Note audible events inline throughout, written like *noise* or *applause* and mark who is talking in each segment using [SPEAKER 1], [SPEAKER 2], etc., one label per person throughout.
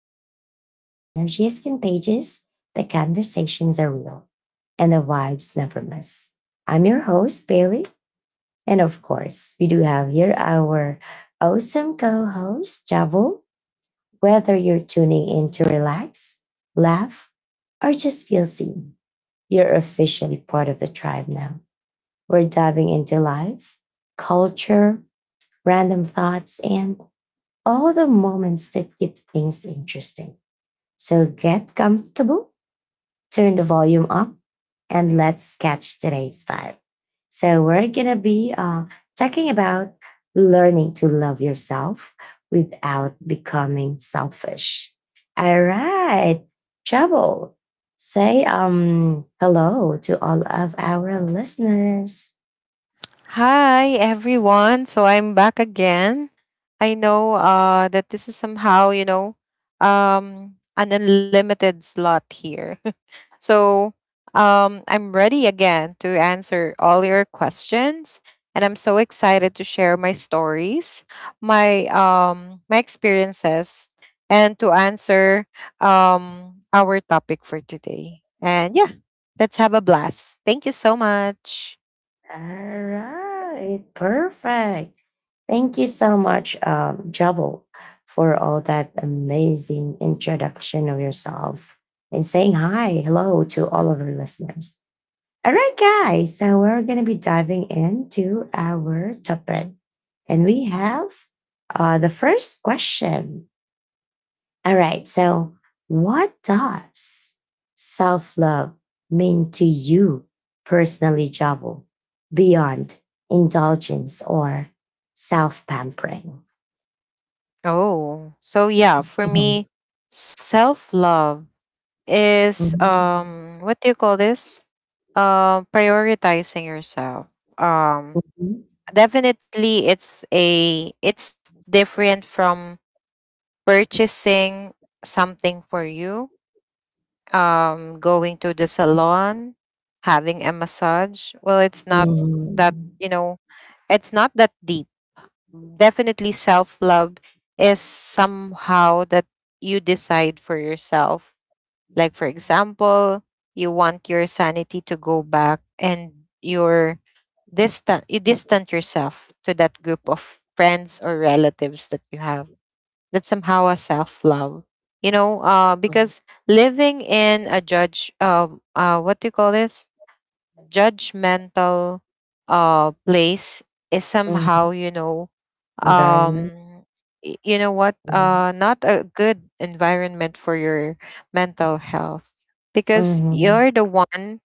[SPEAKER 1] podcast where the energy is contagious, the conversations are real, and the vibes never miss. I'm your host, Bailey. And of course, we do have here our awesome co host, Javo. Whether you're tuning in to relax, laugh, or just feel seen, you're officially part of the tribe now. We're diving into life, culture, random thoughts, and all the moments that keep things interesting. So get comfortable, turn the volume up, and let's catch today's vibe. So we're gonna be talking about learning to love yourself without becoming selfish. All right, trouble, say hello to all of our listeners.
[SPEAKER 2] Hi, everyone. So I'm back again. I know that this is somehow, an unlimited slot here. *laughs* So I'm ready again to answer all your questions. And I'm so excited to share my stories, my my experiences, and to answer our topic for today. And yeah, let's have a blast. Thank you so much.
[SPEAKER 1] All right, perfect. Thank you so much, Javel, for all that amazing introduction of yourself and saying hi, hello to all of our listeners. All right, guys, so we're going to be diving into our topic. And we have the first question. All right, so what does self love mean to you personally, Javel, beyond indulgence or self pampering?
[SPEAKER 2] Oh, so yeah, for me,
[SPEAKER 1] Mhm.
[SPEAKER 2] self love is
[SPEAKER 1] Mhm.
[SPEAKER 2] what do you call this? Prioritizing yourself. Um
[SPEAKER 1] Mhm.
[SPEAKER 2] Definitely it's different from purchasing something for you. Um, going to the salon, having a massage. Well, it's not that,
[SPEAKER 1] Mhm.
[SPEAKER 2] you know, it's not that deep. Definitely self love is somehow that you decide for yourself. Like, for example, you want your sanity to go back and you're distant, you distant yourself to that group of friends or relatives that you have. That's somehow a self love, you know,
[SPEAKER 1] Mhm.
[SPEAKER 2] because living in a judge, what do you call this? Judgmental place is
[SPEAKER 1] Mhm.
[SPEAKER 2] somehow, you know,
[SPEAKER 1] Very nice.
[SPEAKER 2] um you know what,
[SPEAKER 1] Mhm.
[SPEAKER 2] not a good environment for your mental health, because you're the one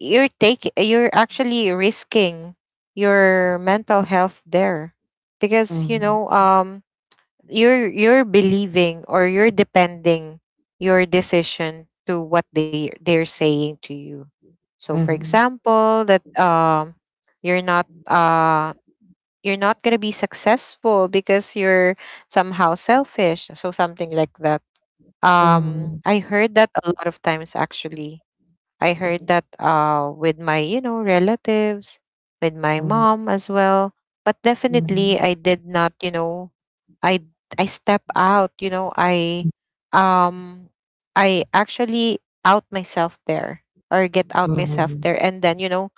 [SPEAKER 2] you're taking, you're actually risking your mental health there,
[SPEAKER 1] Mhm.
[SPEAKER 2] because you
[SPEAKER 1] Mhm.
[SPEAKER 2] know, you're believing or you're depending your decision to what they're saying to you. So for
[SPEAKER 1] Mhm.
[SPEAKER 2] example that, you're not uh you're not going to be successful because you're somehow selfish, so something like that.
[SPEAKER 1] Mhm.
[SPEAKER 2] I heard that a lot of times, actually. I heard that, with my, you know, relatives, with my
[SPEAKER 1] Mhm.
[SPEAKER 2] mom as well. But
[SPEAKER 1] Mhm.
[SPEAKER 2] definitely, I did not, you know, I I step out. You know, um I actually out myself there or get out myself
[SPEAKER 1] Mhm.
[SPEAKER 2] there, and then you know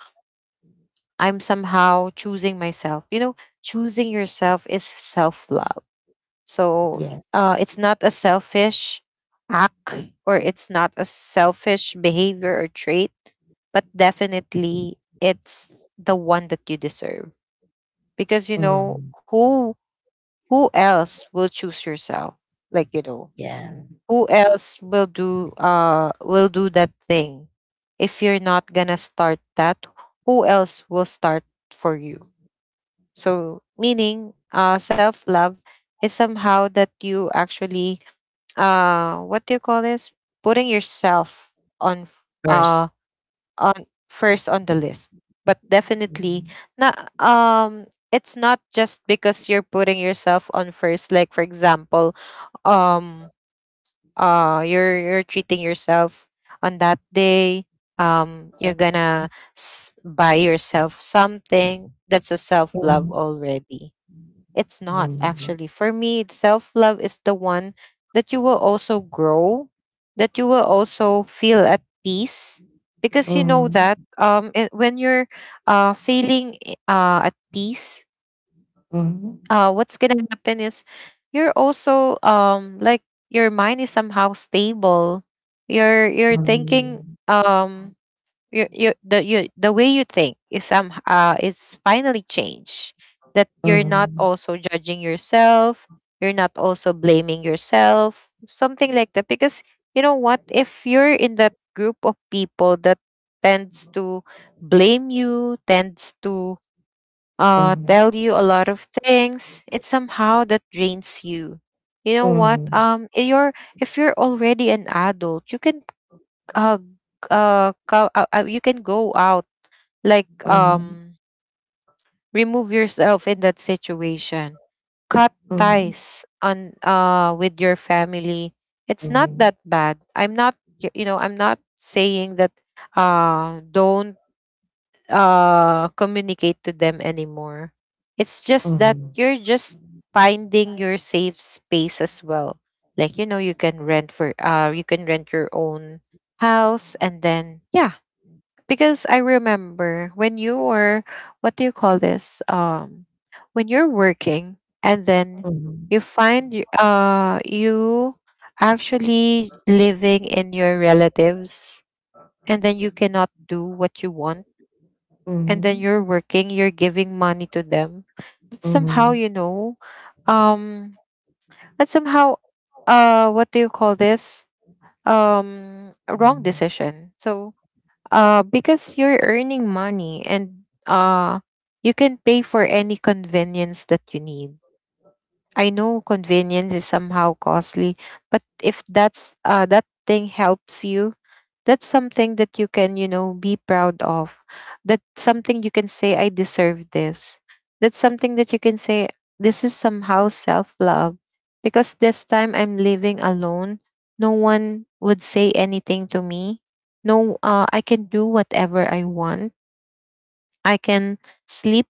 [SPEAKER 2] I'm somehow choosing myself. You know, choosing yourself is self love. So
[SPEAKER 1] Yes.
[SPEAKER 2] it's not a selfish act, or it's not a selfish behavior or trait, but definitely it's the one that you deserve. Because you know,
[SPEAKER 1] Mhm.
[SPEAKER 2] who else will choose yourself? Like you know,
[SPEAKER 1] Yeah.
[SPEAKER 2] who else will do that thing? If you're not gonna start that, who else will start for you? So meaning self love is somehow that you actually what do you call this, putting yourself on f-
[SPEAKER 1] First.
[SPEAKER 2] uh on first on the list, but definitely
[SPEAKER 1] Mhm,
[SPEAKER 2] not it's not just because you're putting yourself on first. Like for example, um you're treating yourself on that day, you're gonna buy yourself something, that's a self love
[SPEAKER 1] mhm,
[SPEAKER 2] already. It's not,
[SPEAKER 1] mhm.
[SPEAKER 2] actually. For me, self love is the one that you will also grow, that you will also feel at peace because you know
[SPEAKER 1] Mhm.
[SPEAKER 2] that it, when you're feeling at peace, what's going to happen is you're also like your mind is somehow stable. You're
[SPEAKER 1] Mhm.
[SPEAKER 2] thinking,
[SPEAKER 1] Mhm.
[SPEAKER 2] um your the you the way you think is some is finally changed, that you're not
[SPEAKER 1] Mhm.
[SPEAKER 2] also judging yourself, you're not also blaming yourself, something like that. Because you know what, if you're in that group of people that tends to blame you, tends to
[SPEAKER 1] Mhm.
[SPEAKER 2] tell you a lot of things, it somehow that drains you. You know what,
[SPEAKER 1] Mhm.
[SPEAKER 2] you're, if you're already an adult, you can uh g- you can go out, like,
[SPEAKER 1] Mhm.
[SPEAKER 2] remove yourself in that situation, cut
[SPEAKER 1] Mhm.
[SPEAKER 2] ties on with your family. It's not
[SPEAKER 1] Mhm.
[SPEAKER 2] that bad, I'm not y- you know, I'm not saying that don't communicate to them anymore. It's just that you're just finding your safe space as well. Like you know, you can rent your own house, and then yeah. Because I remember when you were, what do you call this, when you're working, and then
[SPEAKER 1] Mhm.
[SPEAKER 2] you actually living in your relatives, and then you cannot do what you want, and then
[SPEAKER 1] Mhm.
[SPEAKER 2] you're working, you're giving money to them. That's
[SPEAKER 1] Mhm.
[SPEAKER 2] somehow,
[SPEAKER 1] Mhm.
[SPEAKER 2] you know, um that's somehow what do you call this, a wrong
[SPEAKER 1] Mhm.
[SPEAKER 2] decision. So because you're earning money and, you can pay for any convenience that you need. I know convenience is somehow costly, but if that's, that thing helps you, that's something that you can, you know, be proud of. That's something you can say, I deserve this. That's something that you can say, this is somehow self love. Because this time I'm living alone, no one would say anything to me. No, I can do whatever I want. I can sleep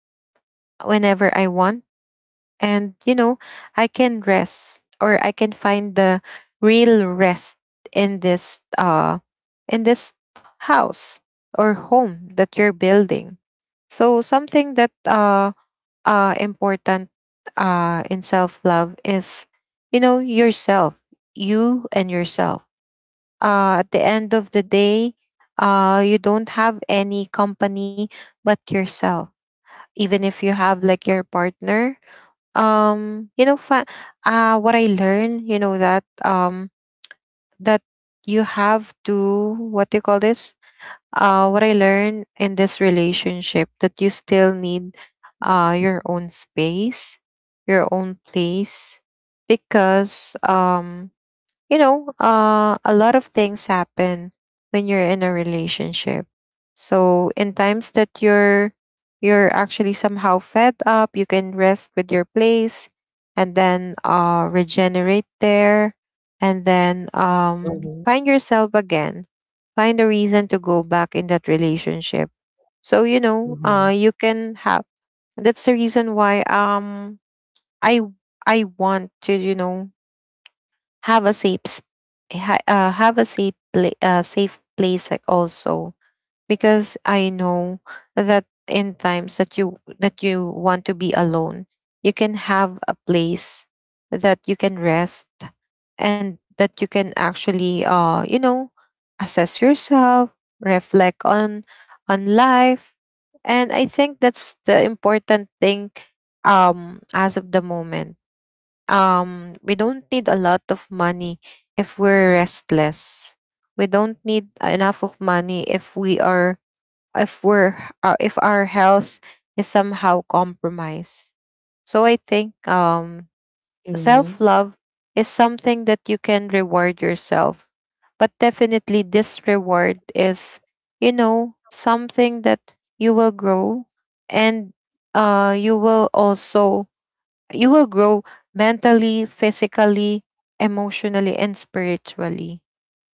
[SPEAKER 2] whenever I want, and you know I can rest, or I can find the real rest in this in this house or home that you're building. So something that important in self love is, you know, yourself, you and yourself. At the end of the day, you don't have any company but yourself, even if you have like your partner. You know, what I learned, you know, that that you have to, what do you call this, what I learned in this relationship, that you still need your own space, your own place. Because you know, a lot of things happen when you're in a relationship. So in times that you're actually somehow fed up, you can rest with your place and then, regenerate there, and then
[SPEAKER 1] Mhm.
[SPEAKER 2] find yourself again. Find a reason to go back in that relationship. So you know,
[SPEAKER 1] Mhm.
[SPEAKER 2] you can have. That's the reason why I I want to, you know, have a safe have a safe safe place, like, also because I know that in times that you want to be alone, you can have a place that you can rest, and that you can actually, you know, assess yourself, reflect on life. And I think that's the important thing. As of the moment, we don't need a lot of money if we're restless. We don't need enough of money if we are, if our health is somehow compromised. So I think self
[SPEAKER 1] Mhm.
[SPEAKER 2] love is something that you can reward yourself, but definitely this reward is, you know, something that you will grow, and you will also, you will grow mentally, physically, emotionally, and spiritually.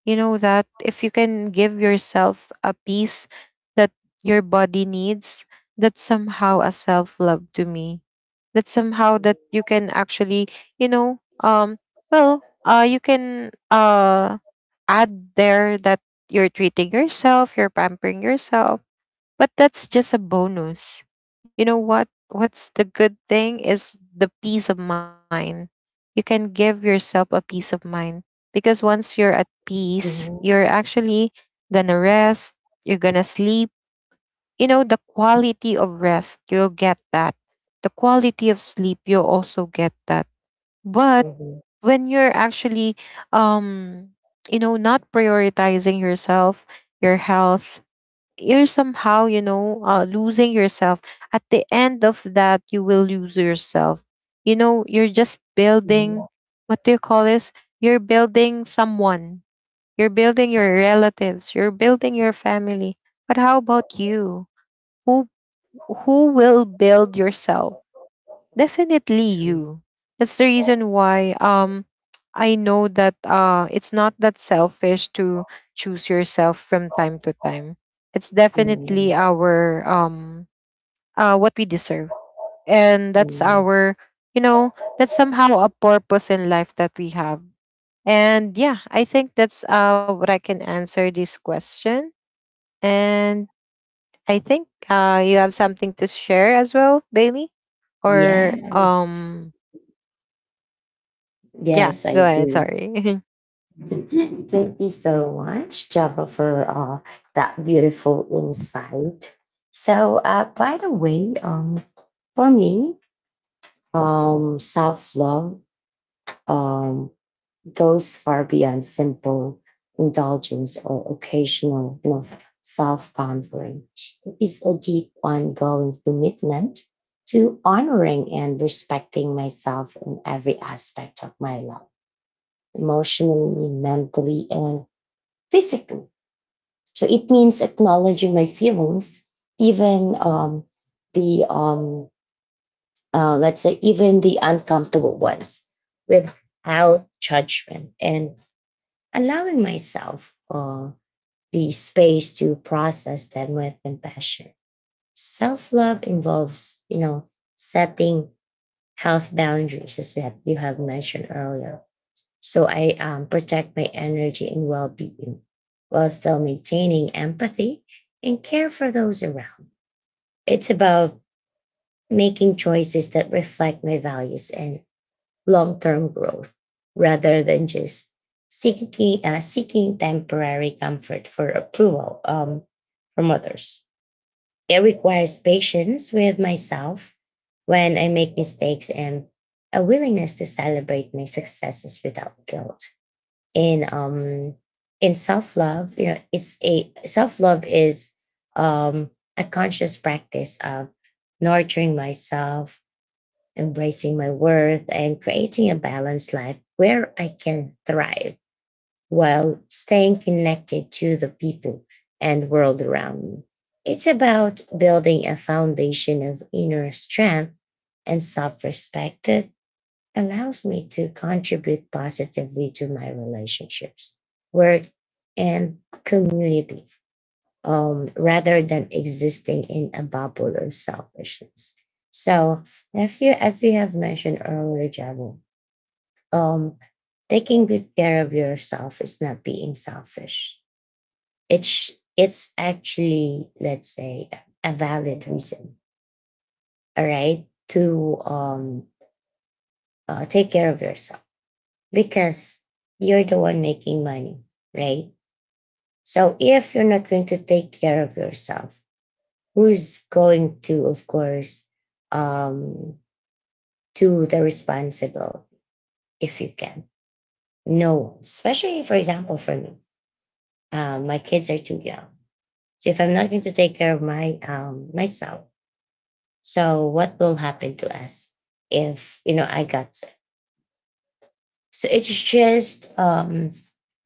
[SPEAKER 2] You know that if you can give yourself a peace that your body needs, that's somehow a self love to me. That somehow that you can actually, you know, um, well, you can add there that you're treating yourself, you're pampering yourself, but that's just a bonus. You know what? What's the good thing is the peace of mind. You can give yourself a peace of mind, because once you're at peace,
[SPEAKER 1] Mhm.
[SPEAKER 2] you're actually gonna rest, you're gonna sleep. You know, the quality of rest, you'll get that. The quality of sleep, you'll also get that. But
[SPEAKER 1] Mhm.
[SPEAKER 2] when you're actually um you know not prioritizing yourself, your health, you're somehow, you know, losing yourself. At the end of that, you will lose yourself. You know, you're just building,
[SPEAKER 1] Mhm.
[SPEAKER 2] what do you call this, you're building someone, you're building your relatives, you're building your family, but how about you? who who will build yourself? Definitely you. That's the reason why I know that it's not that selfish to choose yourself from time to time. It's definitely
[SPEAKER 1] Mhm.
[SPEAKER 2] our what we deserve. And that's
[SPEAKER 1] Mhm.
[SPEAKER 2] our, you know, that's somehow a purpose in life that we have. And yeah, I think that's what I can answer this question. And I think you have something to share as well, Bailey, or
[SPEAKER 1] Yes.
[SPEAKER 2] yeah,
[SPEAKER 1] Yes,
[SPEAKER 2] go
[SPEAKER 1] I
[SPEAKER 2] ahead.
[SPEAKER 1] do.
[SPEAKER 2] Sorry. *laughs*
[SPEAKER 1] *laughs* Thank you so much, Java, for that beautiful insight. So, uh, by the way, um, for me, self love um. goes far beyond simple indulgence or occasional, you know, self pampering. It is a deep, ongoing commitment to honoring and respecting myself in every aspect of my life, emotionally, mentally, and physically. So it means acknowledging my feelings, even the let's say even the uncomfortable ones, without judgment and allowing myself the space to process them with compassion. Self love involves, you know, setting health boundaries, as you have mentioned earlier. So I protect my energy and well being while still maintaining empathy and care for those around. It's about making choices that reflect my values and long term growth rather than just seeking temporary comfort for approval from others. It requires patience with myself when I make mistakes and a willingness to celebrate my successes without guilt. In um in self love, you know, it's a self love is um a conscious practice of nurturing myself, embracing my worth, and creating a balanced life where I can thrive while staying connected to the people and world around me. It's about building a foundation of inner strength and self respect that allows me to contribute positively to my relationships, work, and community, rather than existing in a bubble of selfishness. So, if you, as we have mentioned earlier, Jamu, um, taking good care of yourself is not being selfish. It's actually, let's say, a valid reason, all right, to take care of yourself, because you're the one making money, right? So if you're not going to take care of yourself, who's going to, of course, um, do the responsible if you can? No one, especially for example for me. My kids are too young, so if I'm not going to take care of my myself, so what will happen to us if, you know, I got sick? So it's just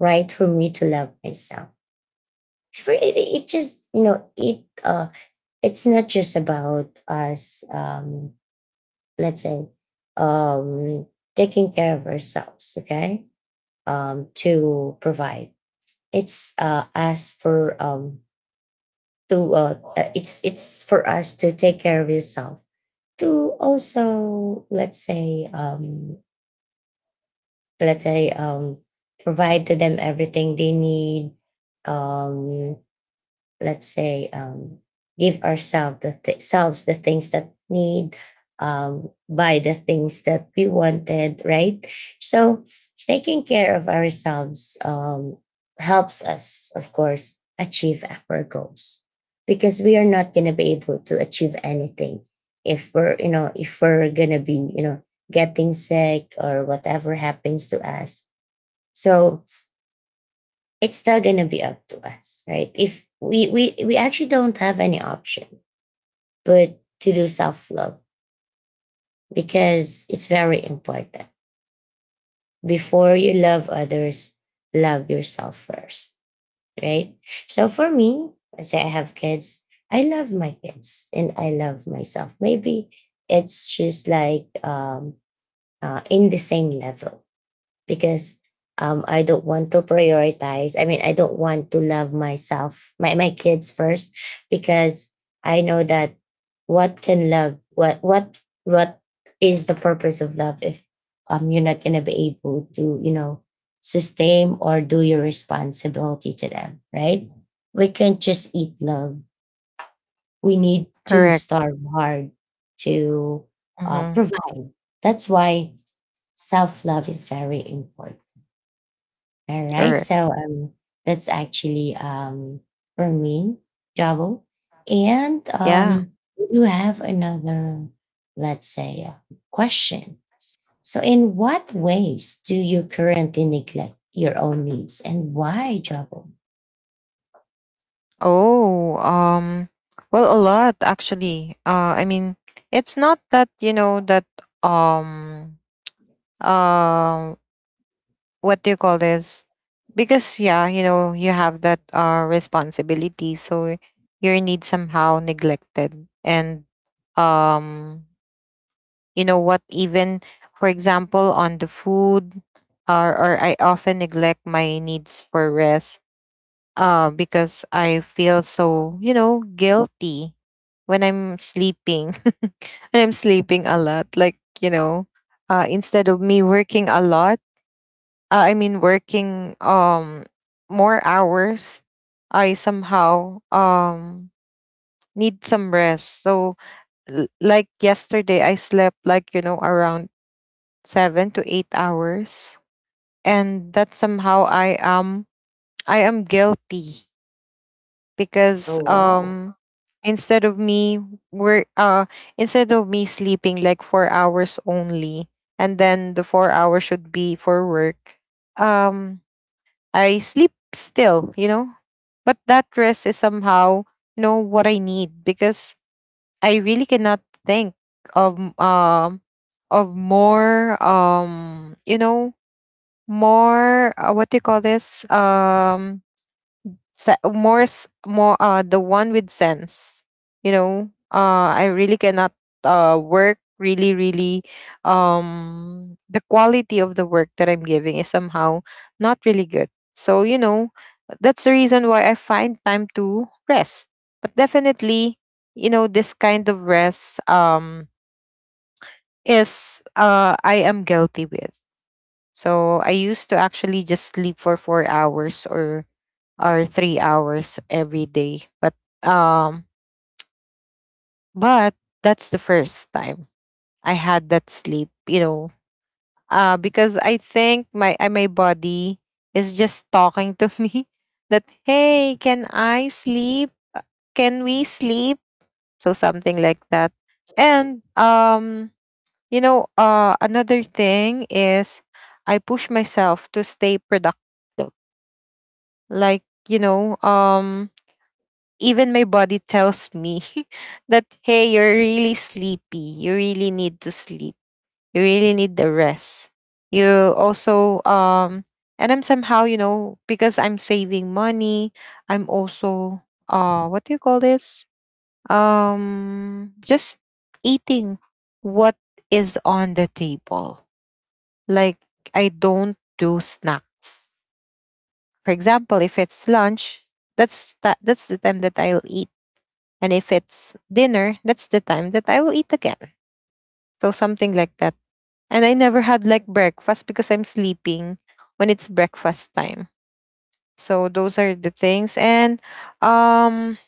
[SPEAKER 1] right for me to love myself. For it, it just, you know, it's not just about us, let's say, um, taking care of ourselves, okay, to provide. it's uh, as for um, it's for us to take care of yourself to also, let's say, provide to them everything they need, um, let's say give ourselves selves the things that need, buy the things that we wanted, right? So taking care of ourselves, helps us of course achieve our goals, because we are not going to be able to achieve anything if we're, you know, if we're going to be, you know, getting sick or whatever happens to us. So it's still gonna be up to us, right? If we actually don't have any option but to do self love, because it's very important. Before you love others, love yourself first, right? So for me, let's say I have kids, I love my kids and I love myself. Maybe it's just like, in the same level, because I don't want to prioritize. I mean, I don't want to love myself, my kids first, because I know that what can love, what is the purpose of love if you're not gonna be able to, you know, sustain or do your responsibility to them, right? We can't just eat love. We need to
[SPEAKER 2] Correct.
[SPEAKER 1] starve hard to
[SPEAKER 2] Mm-hmm.
[SPEAKER 1] provide. That's why self love is very important. All right.
[SPEAKER 2] Correct.
[SPEAKER 1] So that's actually, for me, Javo. And
[SPEAKER 2] Yeah.
[SPEAKER 1] we do have another, let's say, question. So, in what ways do you currently neglect your own needs and why, Javo?
[SPEAKER 2] Oh, well, a lot, actually. I mean, it's not that, you know, that, um, uh, what do you call this? Because, yeah, you know, you have that, responsibility. So your needs somehow neglected. And, um, you know what, even, for example, on the food, or I often neglect my needs for rest, because I feel so, you know, guilty when I'm sleeping. *laughs* And I'm sleeping a lot. Like, you know, instead of me working a lot, I mean, working more hours, I somehow need some rest. So, like yesterday, I slept like, you know, around 7 to 8 hours. And that somehow I am guilty because
[SPEAKER 1] Oh, wow.
[SPEAKER 2] instead of me work uh instead of me sleeping like 4 hours only, and then the 4 hours should be for work. um I sleep still, you know, but that rest is somehow, you know, what I need, because I really cannot think of um of more, you know, more, what do you call this, more, the one with sense, you know. I really cannot work, really, really. The quality of the work that I'm giving is somehow not really good. So, you know, that's the reason why I find time to rest. But definitely, you know, this kind of rest, is, I am guilty with. So I used to actually just sleep for 4 hours, or 3 hours every day. Um, but that's the first time I had that sleep. You know, because I think my body is just talking to *laughs* me, that hey, can I sleep? Can we sleep? So something like that. And, you know, another thing is I push myself to stay productive. Like, you know, even my body tells me *laughs* that hey, you're really sleepy, you really need to sleep, you really need the rest, you also, and I'm somehow, you know, because I'm saving money, I'm also, what do you call this, just eating what is on the table. Like, I don't do snacks. For example, if it's lunch, that's the time that I'll eat, and if it's dinner, that's the time that I will eat again. So something like that. And I never had like breakfast because I'm sleeping when it's breakfast time. So those are the things. And, um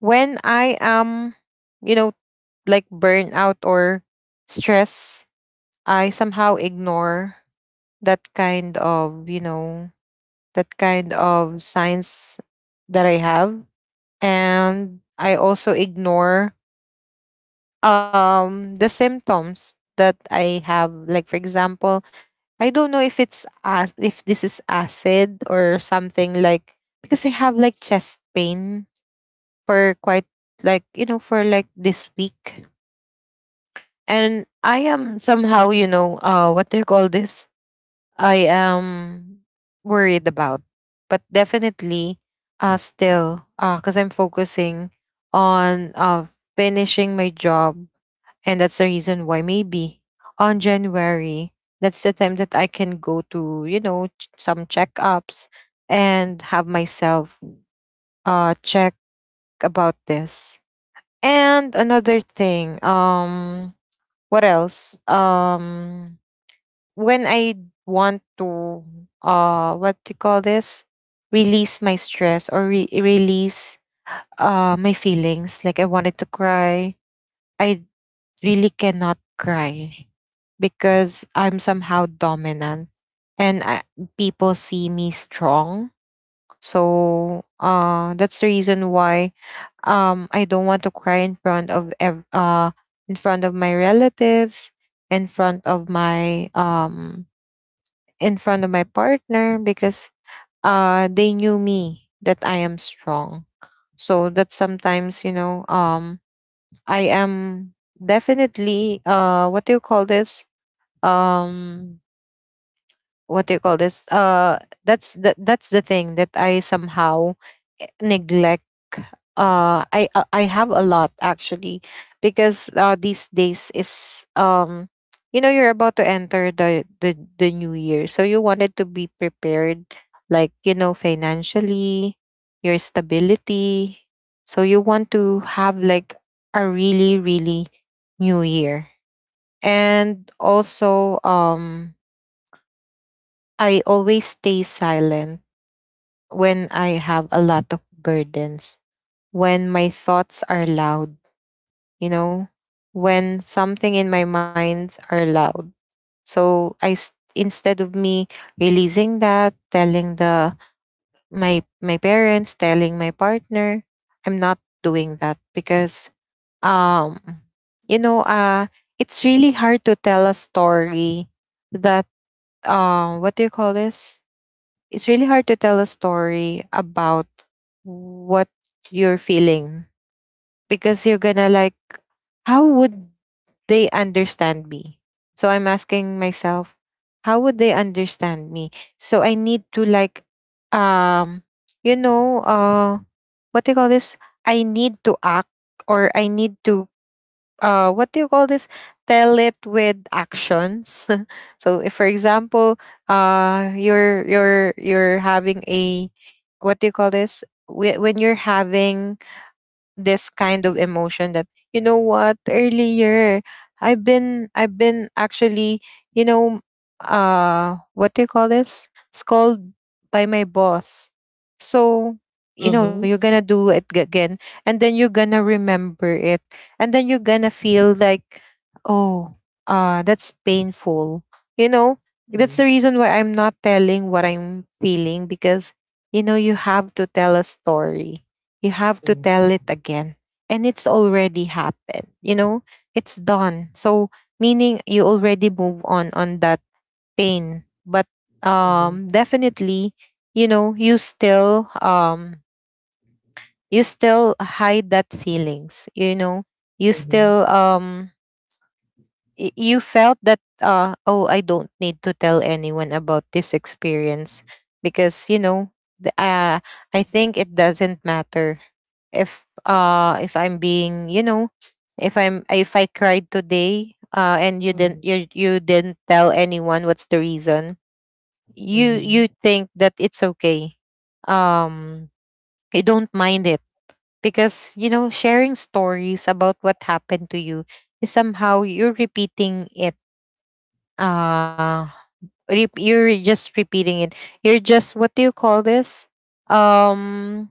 [SPEAKER 2] when I am, you know, like burnout or stress, I somehow ignore that kind of, you know, that kind of signs that I have. And I also ignore the symptoms that I have. Like for example, I don't know if it's, as if this is acid or something, like, because I have like chest pain for quite, like, you know, for like this week, and I am somehow, you know, what do you call this? I am worried about, but definitely, still, because I'm focusing on finishing my job, and that's the reason why maybe on January, that's the time that I can go to, you know, some checkups and have myself check about this. And another thing, what else? When I want to, what do you call this? Release my stress, or release, my feelings, like I wanted to cry. I really cannot cry because I'm somehow dominant, and, people see me strong. So, that's the reason why, I don't want to cry in front of in front of my relatives, in front of my partner, because, they knew me that I am strong. So that sometimes, you know, I am definitely, what do you call this? Um what do you call this, that's the thing that I somehow, neglect. I have a lot actually, because, these days is, you know, you're about to enter the new year, so you wanted to be prepared, like, you know, financially, your stability. So you want to have like a really, really new year. And also, I always stay silent when I have a lot of burdens, when my thoughts are loud, you know, when something in my mind are loud. So instead of me releasing that, telling the my my parents, telling my partner, I'm not doing that because, um you know, it's really hard to tell a story, that, what do you call this? It's really hard to tell a story about what you're feeling, because you're gonna like, how would they understand me? So I'm asking myself, how would they understand me? So I need to, like, um you know, what do you call this? I need to act, or I need to, what do you call this? Tell it with actions. *laughs* So if, for example, you're you're having a, what do you call this? When you're having this kind of emotion that, you know what, earlier I've been actually, you know, what do you call this, scolded by my boss. So, you know, you're
[SPEAKER 1] Mm-hmm.
[SPEAKER 2] gonna do it, again, and then you're gonna remember it, and then you're gonna feel like, oh, that's painful, you know. That's
[SPEAKER 1] Mm-hmm.
[SPEAKER 2] the reason why I'm not telling what I'm feeling, because, you know, you have to tell a story, you have to tell it again, and it's already happened, you know, it's done. So meaning, you already move on that pain. But,
[SPEAKER 1] Mm-hmm.
[SPEAKER 2] definitely, you know, you still, you still hide that feelings, you know, you
[SPEAKER 1] Mm-hmm.
[SPEAKER 2] still, you felt that, oh, I don't need to tell anyone about this experience, because, you know, the, uh, I think it doesn't matter if, if I'm being, you know, if I'm if I cried today, and you didn't tell anyone, what's the reason? you
[SPEAKER 1] Mm-hmm.
[SPEAKER 2] you think that it's okay. um you don't mind it, because, you know, sharing stories about what happened to you is somehow, you're repeating it. uh you're just repeating it, you're just, what do you call this? um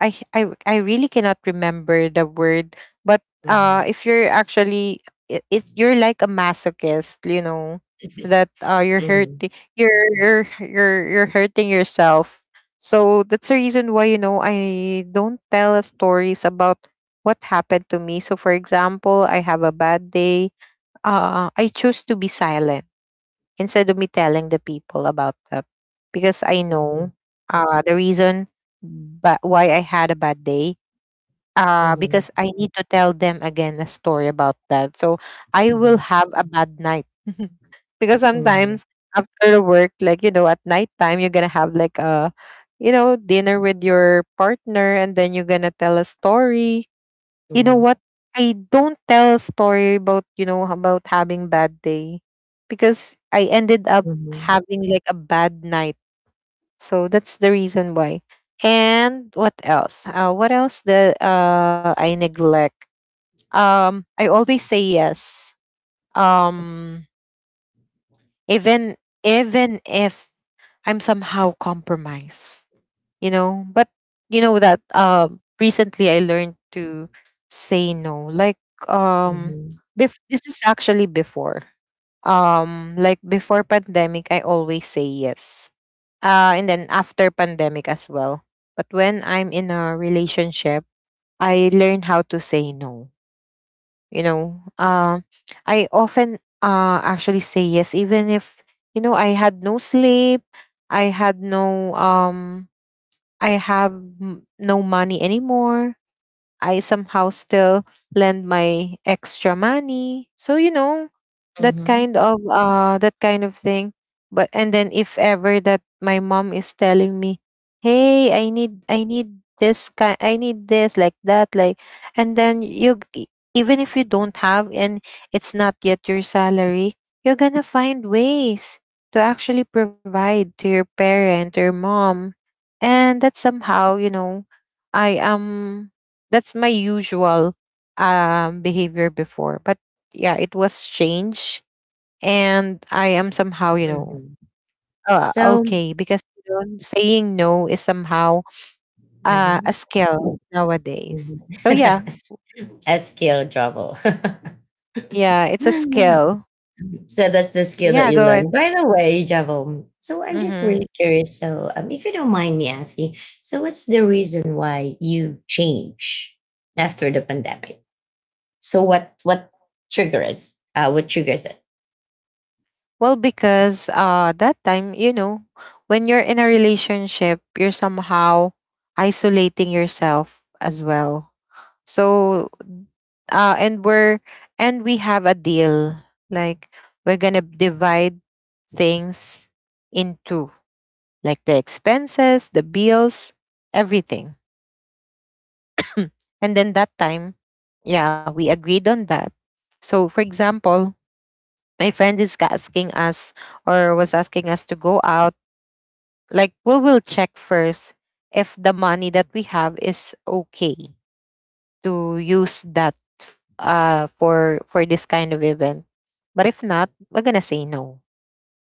[SPEAKER 2] I h- I w- I really cannot remember the word, but,
[SPEAKER 1] Mm-hmm.
[SPEAKER 2] if you're actually, I- it's you're like a masochist, you know, that,
[SPEAKER 1] Mm-hmm.
[SPEAKER 2] you're hurting yourself. So that's the reason why, you know, I don't tell stories about what happened to me. So for example, I have a bad day. I choose to be silent instead of me telling the people about that, because I
[SPEAKER 1] Mm-hmm.
[SPEAKER 2] know, the reason but, why I had a bad day,
[SPEAKER 1] Mm-hmm.
[SPEAKER 2] because I need to tell them again a story about that. So I will
[SPEAKER 1] Mm-hmm.
[SPEAKER 2] have a bad night. *laughs* Because
[SPEAKER 1] Mm-hmm.
[SPEAKER 2] sometimes after work, like, you know, at nighttime, you're gonna have like a, you know, dinner with your partner, and then you're gonna tell a story, you know what? I don't tell story about, you know, about having bad day, because I ended up
[SPEAKER 1] Mm-hmm.
[SPEAKER 2] having like a bad night. So that's the reason why. And what else? What else that, I neglect? I always say yes. Um, Even, if I'm somehow compromised. You know, but you know that, recently I learned to say no. Like, um
[SPEAKER 1] Mm-hmm.
[SPEAKER 2] this is actually before, like, before pandemic I always say yes, and then after pandemic as well. But when I'm in a relationship, I learn how to say no, you know. I often, actually say yes, even if, you know, I had no sleep, I had no, I have, no money anymore. I somehow still lend my extra money. So, you know, that
[SPEAKER 1] Mm-hmm.
[SPEAKER 2] kind of uh that kind of thing. But and then, if ever that my mom is telling me, "Hey, I need, I need this kind, I need this like that like," and then even if you don't have and it's not yet your salary, you're gonna find ways to actually provide to your parent or mom, and that somehow, you know, I am that's my usual, behavior before. But yeah, it was changed, and I am somehow, you know,
[SPEAKER 1] Mhm. So.
[SPEAKER 2] okay, because, you know, saying no is somehow, a
[SPEAKER 1] Mhm.
[SPEAKER 2] skill nowadays. So yeah,
[SPEAKER 1] Mhm. *laughs* A skill, Javo.
[SPEAKER 2] yeah, it's a
[SPEAKER 1] *laughs*
[SPEAKER 2] skill.
[SPEAKER 1] So that's the skill that
[SPEAKER 2] Yeah,
[SPEAKER 1] you
[SPEAKER 2] go ahead.
[SPEAKER 1] learned. By the way, Javo, so I'm just
[SPEAKER 2] Mm-hmm.
[SPEAKER 1] really curious. So, if you don't mind me asking, so what's the reason why you change after the pandemic? So what triggers? What triggers it?
[SPEAKER 2] Well, because that time, you know, when you're in a relationship, you're somehow isolating yourself as well. So uh and we're and we have a deal. Like, we're gonna divide things in two, like the expenses, the bills, everything. *laughs* And then that time, yeah, we agreed on that. So, for example, my friend is asking us, or was asking us, to go out. Like, we will check first if the money that we have is okay to use that, for this kind of event. But if not, we're gonna say no.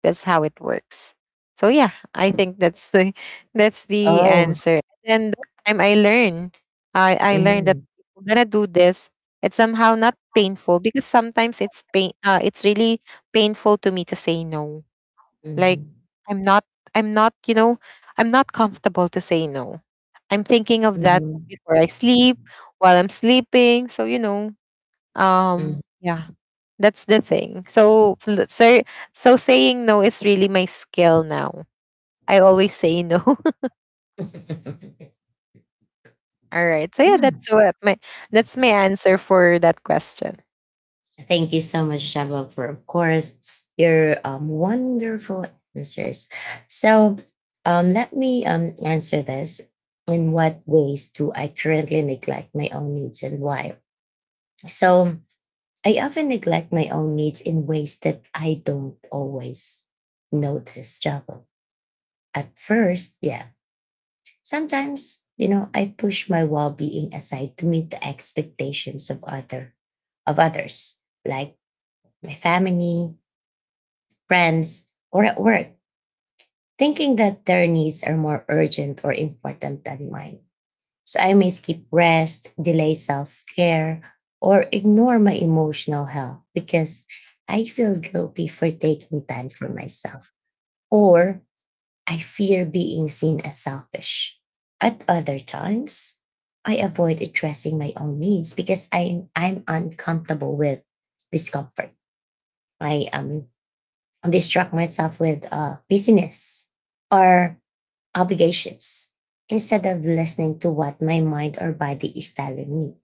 [SPEAKER 2] That's how it works. So yeah, I think that's the *laughs* that's the
[SPEAKER 1] Oh.
[SPEAKER 2] answer. And that time I learned, I learned that
[SPEAKER 1] Mm-hmm.
[SPEAKER 2] if we're gonna do this, it's somehow not painful, because sometimes it's pain. It's really painful to me to say no, like,
[SPEAKER 1] Mm-hmm.
[SPEAKER 2] I'm not, you know, I'm not comfortable to say no. I'm thinking of that before I sleep, while I'm sleeping. So, you know,
[SPEAKER 1] Mm-hmm.
[SPEAKER 2] yeah, that's the thing. So, so saying no is really my skill now. I always say no. *laughs* All right. So yeah,
[SPEAKER 1] *laughs*
[SPEAKER 2] that's what my that's my answer for that question.
[SPEAKER 1] Thank you so much, Shaba, for of course your wonderful answers. So let me answer this. In what ways do I currently neglect my own needs and why? So I often neglect my own needs in ways that I don't always notice, Java. At first, yeah. Sometimes, you know, I push my well-being aside to meet the expectations of other of others, like my family, friends, or at work, thinking that their needs are more urgent or important than mine. So I may skip rest, delay self care, or ignore my emotional health because I feel guilty for taking time for myself, or I fear being seen as selfish. At other times, I avoid addressing my own needs because I'm uncomfortable with discomfort. I am distract myself with busyness or obligations instead of listening to what my mind or body is telling me.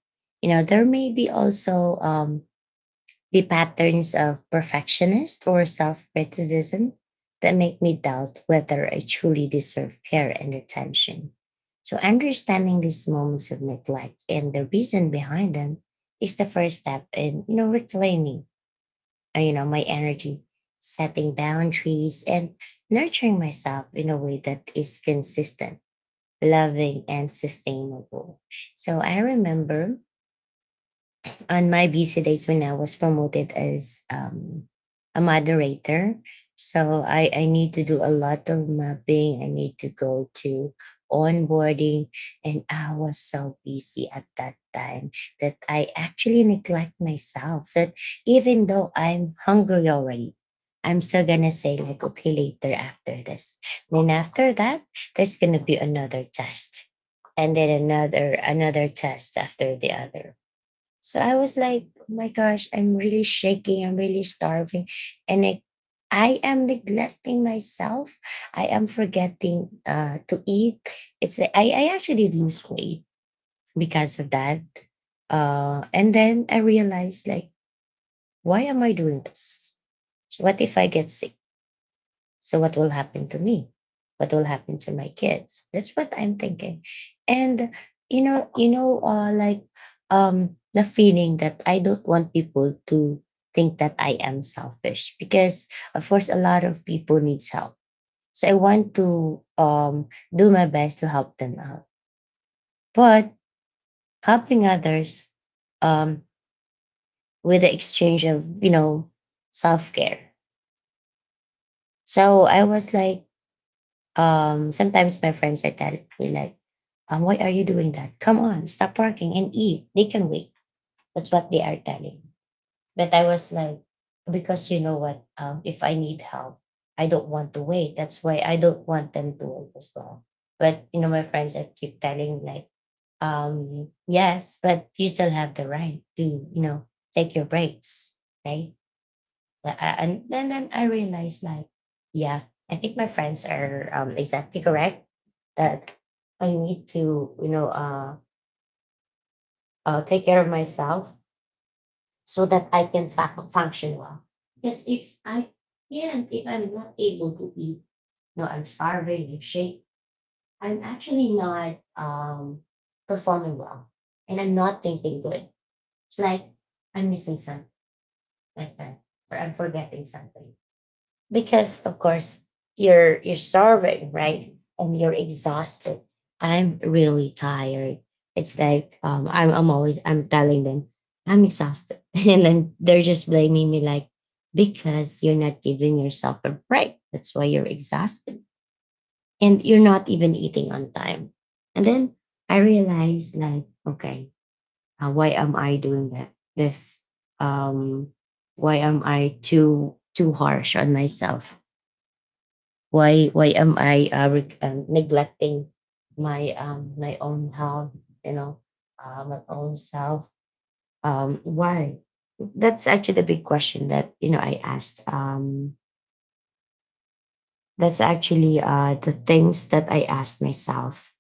[SPEAKER 1] You know, there may be also be patterns of perfectionist or self criticism that make me doubt whether I truly deserve care and attention. So, understanding these moments of neglect and the reason behind them is the first step in, you know, reclaiming, you know, my energy, setting boundaries and nurturing myself in a way that is consistent, loving and sustainable. So I remember on my busy days when I was promoted as a moderator. So I need to do a lot of mapping. I need to go to onboarding. And I was so busy at that time that I actually neglect myself. That even though I'm hungry already, I'm still gonna say like, okay, later after this. Then after that, there's gonna be another test. And then another test after the other. So I was like, oh my gosh, I'm really shaking. I'm really starving. And I am neglecting myself. I am forgetting to eat. It's like I actually lose weight because of that. And then I realized like, why am I doing this? What if I get sick? So what will happen to me? What will happen to my kids? That's what I'm thinking. And you know, the feeling that I don't want people to think that I am selfish because, of course, a lot of people needs help. So I want to do my best to help them out. But helping others, um, with the exchange of, you know, self care. So I was like, sometimes my friends are telling me like, why are you doing that? Come on, stop working and eat. They can wait. That's what they are telling. But I was like, because you know what? If I need help, I don't want to wait. That's why I don't want them to wait as well. But you know, my friends I keep telling like, yes, but you still have the right to, you know, take your breaks, right? Yeah, and then I realized like, yeah, I think my friends are, exactly correct, that I need to, you know, take care of myself so that I can function well. Because if I, yeah, if I'm not able to eat, no, I'm starving, I'm shake, I'm actually not performing well, and I'm not thinking good. It's like I'm missing something like that, or I'm forgetting something. Because of course you're starving, right, and you're exhausted. I'm really tired. It's like I'm always I'm telling them I'm exhausted *laughs* and then they're just blaming me like, because you're not giving yourself a break, that's why you're exhausted and you're not even eating on time. And then I realized like, okay, why am I doing that this um why am I too harsh on myself? Why am I neglecting my my own health, you know, my own self? Why? That's actually the big question that, you know, I asked. That's actually the things that I asked myself.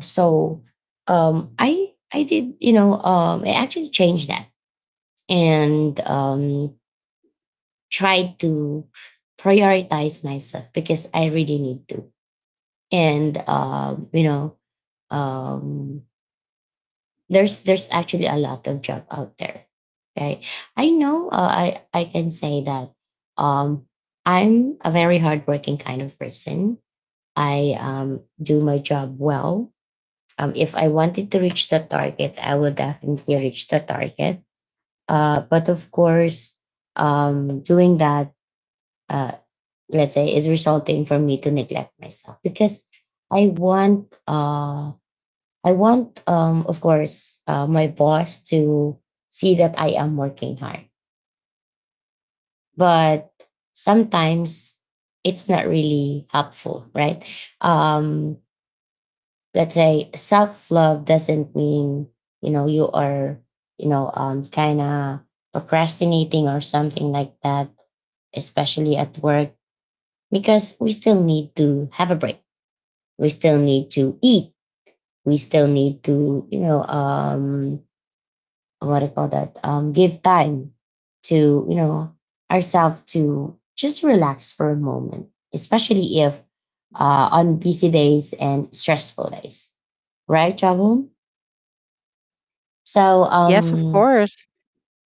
[SPEAKER 1] So, I did, you know, I actually changed that and tried to prioritize myself because I really need to. And you know, um, there's actually a lot of job out there. Okay, I know, I can say that um I'm a very hardworking kind of person. I do my job well. If I wanted to reach the target, I will definitely reach the target. But of course, doing that, uh let's say, is resulting for me to neglect myself, because I want, I want of course, my boss to see that I am working hard. But sometimes it's not really helpful, right? Um, let's say self love doesn't mean, you know, you are, you know, kind of procrastinating or something like that, especially at work, because we still need to have a break. We still need to eat. We still need to, you know, what do you call that, give time to, you know, ourselves to just relax for a moment, especially if, on busy days and stressful days, right, Javon? So
[SPEAKER 2] Yes, of course.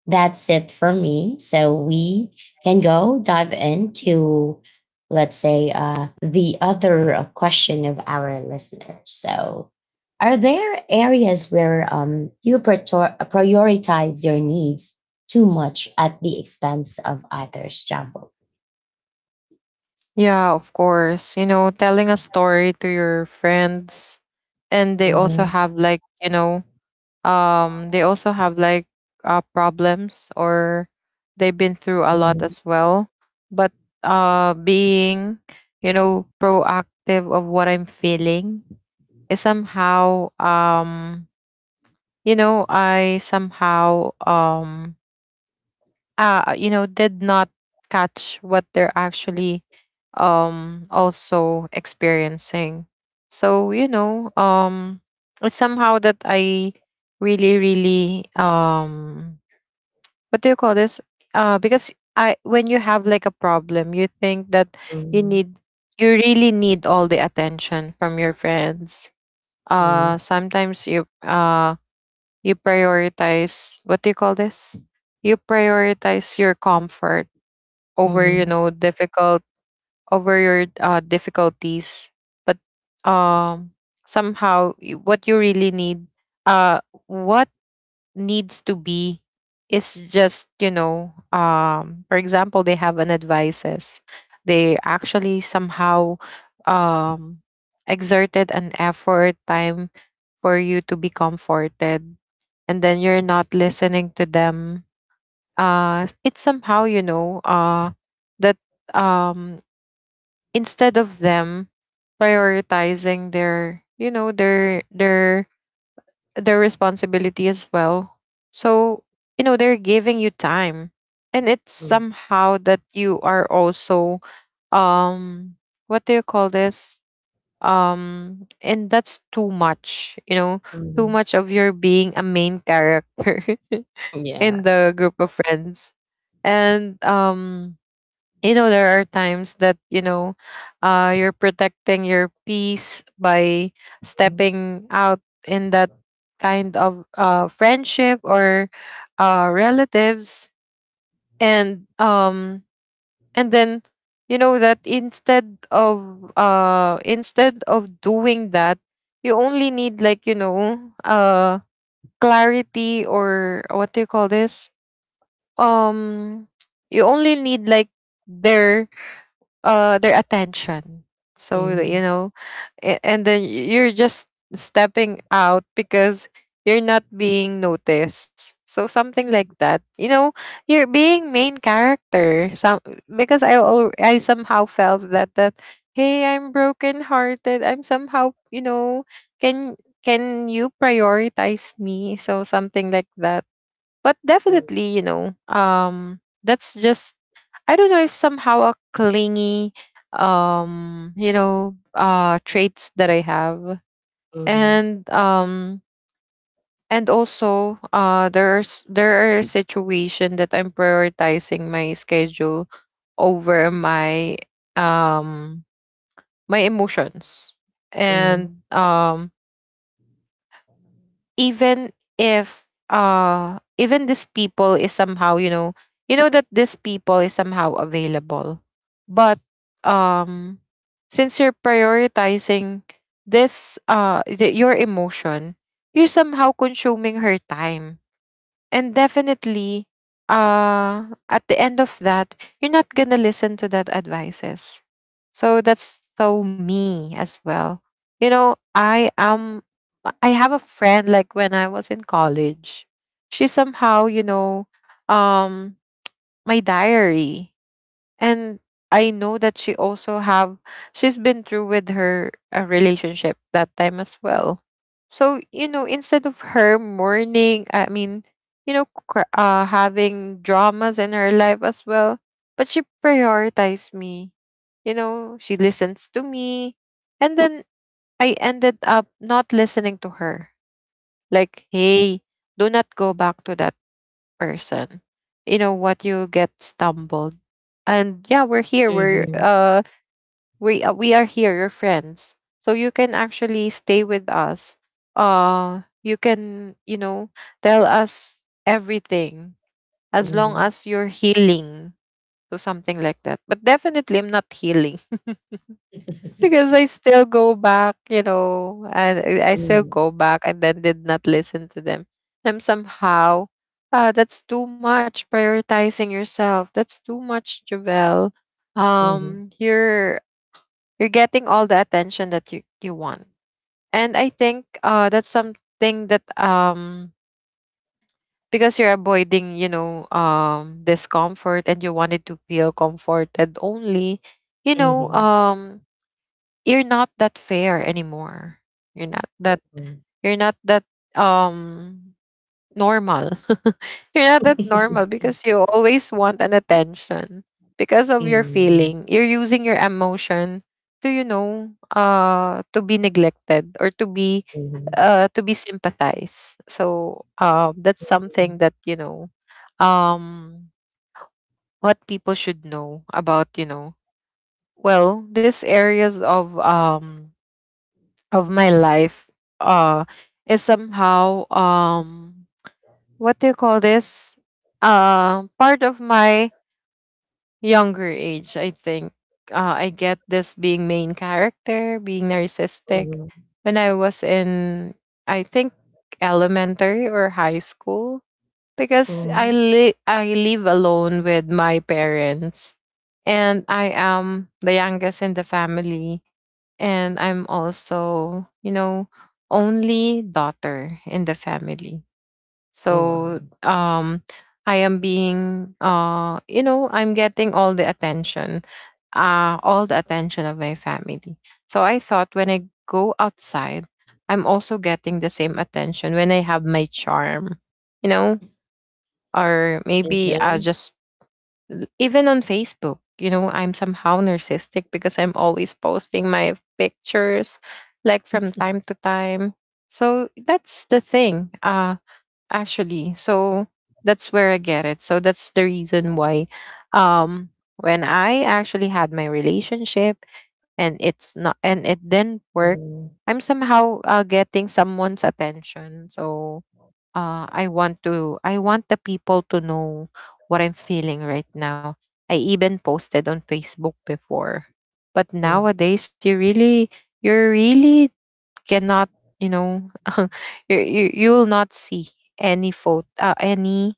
[SPEAKER 1] that's it for me. So we can go dive into, let's say, the other question of our listeners. So, are there areas where, you praetor- prioritize your needs too much at the expense of others, Jumbo?
[SPEAKER 2] Yeah, of course. You know, telling a story to your friends and they also
[SPEAKER 1] Mhm,
[SPEAKER 2] have like, you know, they also have like problems, or they've been through a lot
[SPEAKER 1] mhm,
[SPEAKER 2] as well, but being, you know, proactive of what I'm feeling is somehow, you know, I somehow, you know, did not catch what they're actually also experiencing. So, you know, it's somehow that I really, really, what do you call this, because I, when you have like a problem, you think that you
[SPEAKER 1] mhm,
[SPEAKER 2] need, you really need all the attention from your friends.
[SPEAKER 1] mhm,
[SPEAKER 2] Sometimes you you prioritize, what do you call this, you prioritize your comfort over, you
[SPEAKER 1] mhm,
[SPEAKER 2] know, difficult over your difficulties. But um somehow, what you really need, uh what needs to be, is just, you know, for example, they have an advices, they actually somehow, um exerted an effort time for you to be comforted, and then you're not listening to them. It's somehow, you know, that, um instead of them prioritizing their, you know, their their responsibility as well. So, you know, they're giving you time, and it's
[SPEAKER 1] mhm,
[SPEAKER 2] somehow that you are also um what do you call this, and that's too much, you know, too
[SPEAKER 1] mhm.
[SPEAKER 2] much of your being a main character *laughs* in
[SPEAKER 1] Yeah.
[SPEAKER 2] the group of friends. And you know, there are times that, you know, you're protecting your peace by
[SPEAKER 1] Mhm,
[SPEAKER 2] stepping out in that kind of friendship or relatives, and um and then, you know, that instead of doing that, you only need like, you know, uh clarity, or what do you call this, um you only need like their their attention, so that, you
[SPEAKER 1] mhm,
[SPEAKER 2] know, and then you're just stepping out because you're not being noticed, so something like that, you know. You're being main character, some, because I I somehow felt that hey, I'm broken hearted, I'm somehow, you know, can can you prioritize me, so something like that. But definitely, you know, that's just, I don't know if somehow a clingy, you know, traits that I have,
[SPEAKER 1] mhm,
[SPEAKER 2] and um, and also, there's, there are situation that I'm prioritizing my schedule over my um my emotions,
[SPEAKER 1] mhm,
[SPEAKER 2] and even if even this people is somehow, you know, you know that this people is somehow available, but um since you're prioritizing your emotion, you're somehow consuming her time. And definitely, at the end of that, you're not gonna listen to that advices. So that's so me as well, you know. I am, I have a friend, like, when I was in college, she somehow, you know, um my diary, and I know that she also have, she's been through with her relationship that time as well. So, you know, instead of her mourning, I mean, you know, having dramas in her life as well, but she prioritized me. You know, she listens to me, and then I ended up not listening to her. Like, hey, do not go back to that person. You know what, you get stumbled. And yeah, we're here. We're
[SPEAKER 1] mhm,
[SPEAKER 2] uh we uh, we are here, your friends. So you can actually stay with us. You can, you know, tell us everything as long
[SPEAKER 1] mhm.
[SPEAKER 2] as you're healing. So something like that. But definitely I'm not healing
[SPEAKER 1] *laughs*
[SPEAKER 2] because I still go back, you know, and I still
[SPEAKER 1] Mhm,
[SPEAKER 2] go back, and then did not listen to them. And somehow, that's too much prioritizing yourself. That's too much, Javel.
[SPEAKER 1] mhm,
[SPEAKER 2] Um, you're you're getting all the attention that you want, and I think that's something that, because you're avoiding, you know, discomfort, and you wanted to feel comforted only, you know,
[SPEAKER 1] mhm,
[SPEAKER 2] you're not that fair anymore. You're not that,
[SPEAKER 1] mhm.
[SPEAKER 2] you're not that um normal. *laughs* You're not that normal
[SPEAKER 1] *laughs*
[SPEAKER 2] because you always want an attention because of your
[SPEAKER 1] Mhm,
[SPEAKER 2] feeling. You're using your emotion to, you know, to be neglected or
[SPEAKER 1] mhm,
[SPEAKER 2] to be sympathized. So that's
[SPEAKER 1] mhm,
[SPEAKER 2] something that, you know, um what people should know about, you know. Well, these areas of my life uh is somehow, what do you call this, part of my younger age, I think. I get this being main character, being narcissistic when I was in, I think, elementary or high school, because I
[SPEAKER 1] mhm. *laughs*
[SPEAKER 2] I live alone with my parents, and I am the youngest in the family, and I'm also, you know, only daughter in the family.
[SPEAKER 1] Oh, wow.
[SPEAKER 2] So I am being you know, I'm getting all the attention of my family. So I thought when I go outside, I'm also getting the same attention when I have my charm, you know, or maybe I'll
[SPEAKER 1] Mhm,
[SPEAKER 2] just, even on Facebook, you know, I'm somehow narcissistic because I'm always posting my pictures, like, from time to time. So that's the thing, actually. So that's where I get it. So that's the reason why, um when I actually had my relationship, and it's not, and it didn't work,
[SPEAKER 1] mhm,
[SPEAKER 2] I'm somehow getting someone's attention. So I want to, I want the people to know what I'm feeling right now. I even posted on Facebook before. But
[SPEAKER 1] mm,
[SPEAKER 2] nowadays you really, you really cannot, you know, *laughs* you, you will not see any photo, any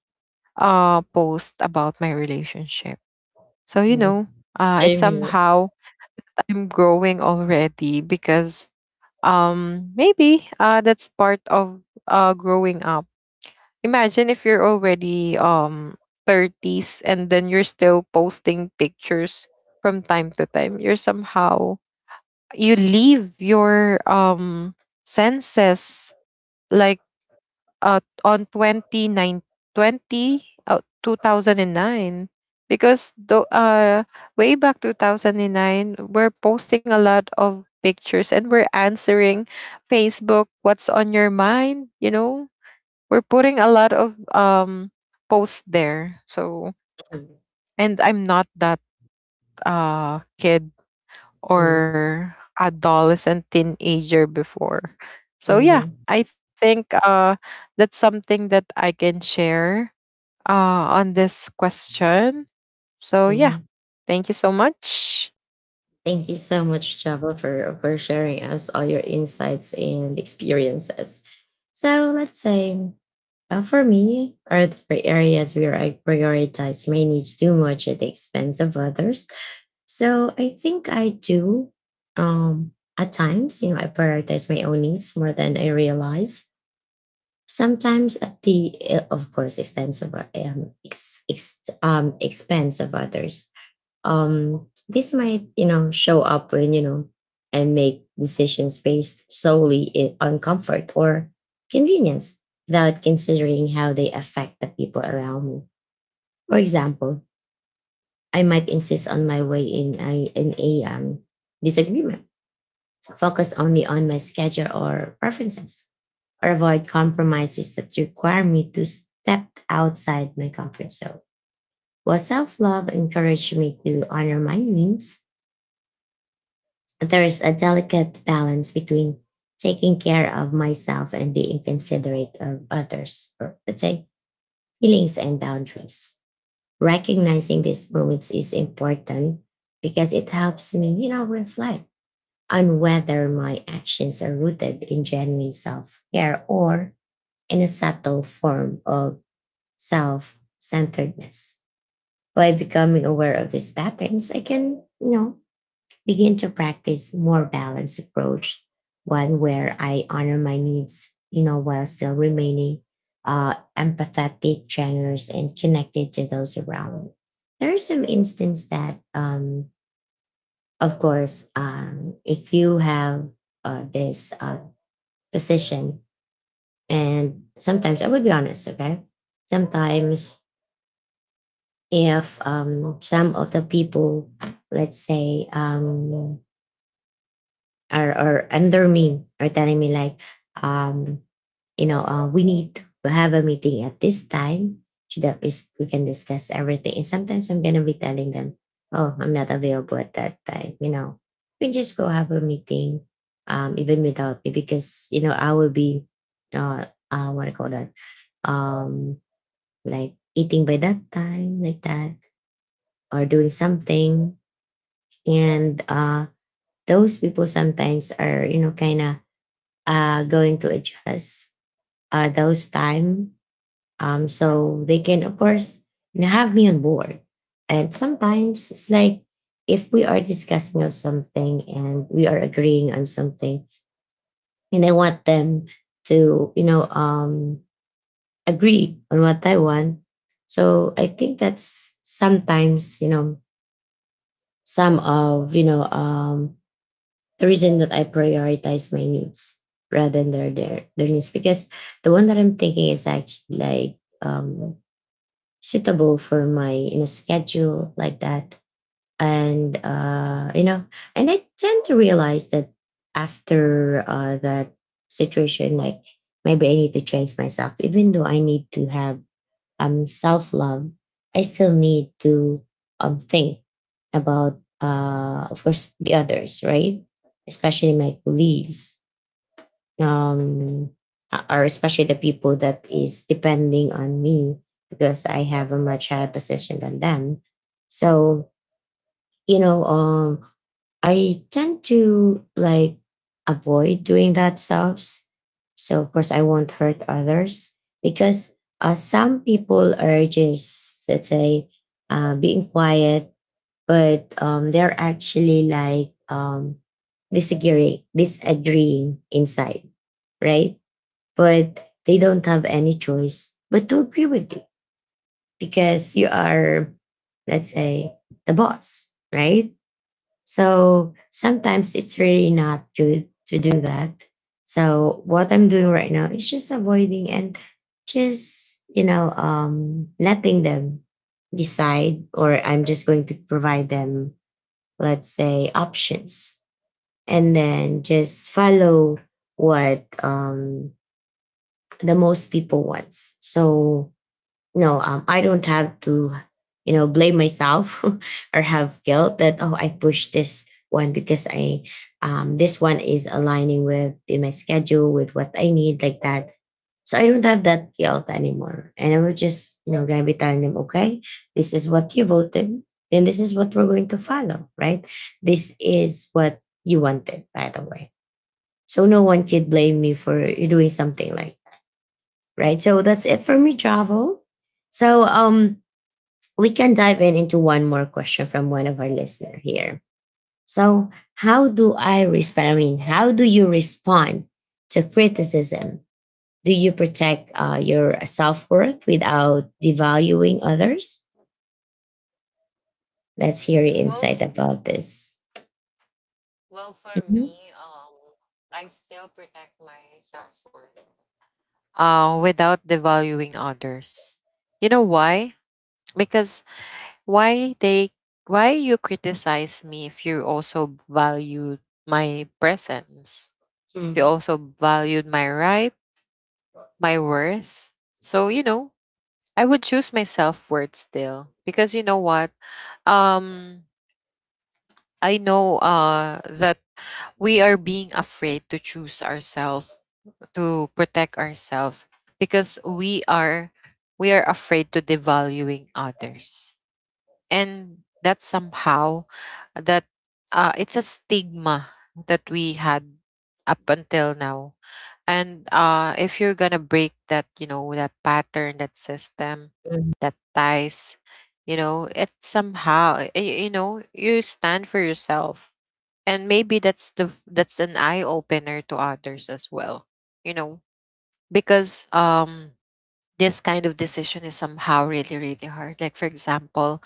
[SPEAKER 2] post about my relationship. So, you
[SPEAKER 1] mm.
[SPEAKER 2] know, it's
[SPEAKER 1] Same here.
[SPEAKER 2] somehow I'm growing already, because maybe that's part of growing up. Imagine if you're already 30s and then you're still posting pictures from time to time. You're somehow, you leave your senses, like on twenty nine twenty 20 2009, because though way back 2009 we're posting a lot of pictures, and we're answering Facebook what's on your mind, you know. We're putting a lot of posts there, so, and I'm not that kid
[SPEAKER 1] Mhm,
[SPEAKER 2] or adolescent teenager before.
[SPEAKER 1] mhm,
[SPEAKER 2] So yeah,
[SPEAKER 1] mhm,
[SPEAKER 2] I think that's something that I can share on this question. So yeah,
[SPEAKER 1] mhm.
[SPEAKER 2] thank you so much.
[SPEAKER 1] Thank you so much, Java, for sharing us all your insights and experiences. So let's say, for me, are three areas where I prioritize manage too much at the expense of others. So I think I do. Um, at times, you know, I prioritize my own needs more than I realize. Sometimes at the, of course, expense of expense of others. This might, you know, show up when, you know, I make decisions based solely on comfort or convenience, without considering how they affect the people around me. For example, I might insist on my way in a, disagreement, focus only on my schedule or preferences, or avoid compromises that require me to step outside my comfort zone. While self love encouraged me to honor my needs, there is a delicate balance between taking care of myself and being considerate of others, or let's say feelings and boundaries. Recognizing these moments is important because it helps me, you know, reflect on whether my actions are rooted in genuine self care or in a subtle form of self centeredness. By becoming aware of these patterns, I can, you know, begin to practice more balanced approach, one where I honor my needs, you know, while still remaining empathetic, generous, and connected to those around me. There are some instances that, of course, if you have, this, position. And sometimes I will be honest, okay? Sometimes if, some of the people, let's say, are under me, are telling me like, um, you know, we need to have a meeting at this time so that we can discuss everything. And sometimes I'm going to be telling them, oh, I'm not available at that time. You know, we just go have a meeting, even without me, because, you know, I will be, what do you call that? Um, like eating by that time, like that, or doing something. And those people sometimes are, you know, kind of going to adjust those time. So they can, of course, you know, have me on board. And sometimes it's like, if we are discussing of something and we are agreeing on something, and I want them to, you know, agree on what I want. So I think that's sometimes, you know, some of, you know, the reason that I prioritize my needs rather than their needs, because the one that I'm thinking is actually like um suitable for my, you know, schedule, like that. And you know, and I tend to realize that after that situation, like, maybe I need to change myself. Even though I need to have self love, I still need to think about, of course, the others, right? Especially my colleagues, um or especially the people that is depending on me, because I have a much higher position than them. So, you know, I tend to like avoid doing that stuff. So of course I won't hurt others, because some people are just, let's say, being quiet, but they're actually like, disagreeing inside, right? But they don't have any choice but to agree with you because you are, let's say, the boss, right? So sometimes it's really not good to do that. So what I'm doing right now is just avoiding and just, you know, letting them decide, or I'm just going to provide them, let's say, options and then just follow what the most people wants. So no, I don't have to, you know, blame myself *laughs* or have guilt that, oh, I pushed this one because I, this one is aligning with in my schedule with what I need, like that. So I don't have that guilt anymore, and I will just, you know, gonna be telling them, okay, this is what you voted, then this is what we're going to follow, right? This is what you wanted, by the way. So no one could blame me for doing something like, right? So that's it for me, Javo. So we can dive in into one more question from one of our listener here. So how do I respond? I mean, how do you respond to criticism? Do you protect your self worth without devaluing others? Let's hear your insight about this. Mhm.
[SPEAKER 2] I still protect myself for without devaluing others. You know why? Because, why they, why you criticize me if you also valued my presence? If you
[SPEAKER 1] Mhm.
[SPEAKER 2] also valued my right, my worth. So, you know, I would choose my self-worth still, because you know what? Um I know that we are being afraid to choose ourselves, to protect ourselves, because we are afraid to devaluing others, and that somehow, that, it's a stigma that we had up until now. And if you're gonna break that, you know, that pattern, that system that ties, you know, it somehow, you know, you stand for yourself, and maybe that's the that's an eye opener to others as well, you know. Because this kind of decision is somehow really, really hard. Like, for example,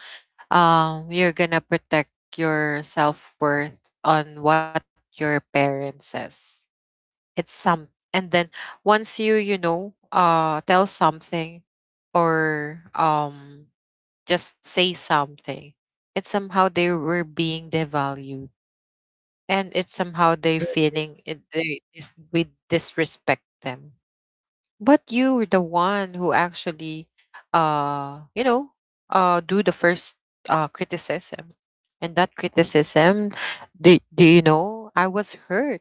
[SPEAKER 2] you're gonna protect your self-worth on what your parents says, it's some, and then once you, you know, tell something, or just say something, it's somehow they were being devalued, and it's somehow they feeling it, they we disrespect them. But you were the one who actually, you know, do the first criticism. And that criticism, do you know, I was hurt.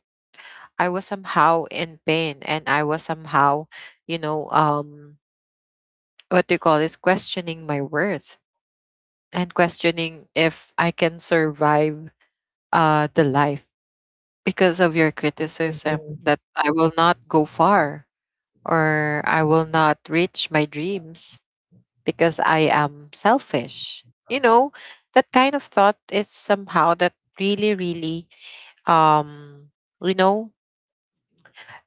[SPEAKER 2] I was somehow in pain, and I was somehow, you know, what do you call this, questioning my worth and questioning if I can survive the life, because of your criticism
[SPEAKER 1] Mhm,
[SPEAKER 2] that I will not go far, or I will not reach my dreams. Because I am selfish. You know, that kind of thought is somehow that really, really, um, you know,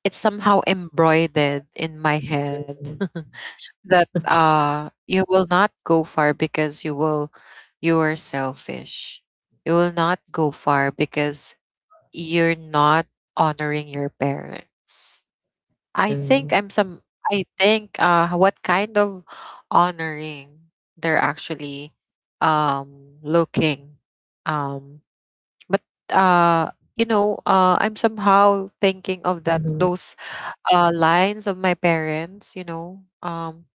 [SPEAKER 2] it's somehow embroidered in my head
[SPEAKER 1] mhm,
[SPEAKER 2] *laughs* that you will not go far, because you will, you are selfish. You will not go far because you're not honoring your parents. I think
[SPEAKER 1] mhm,
[SPEAKER 2] I'm some I think what kind of honoring they're actually looking. Um but you know, I'm somehow thinking of that
[SPEAKER 1] mhm,
[SPEAKER 2] those lines of my parents, you know.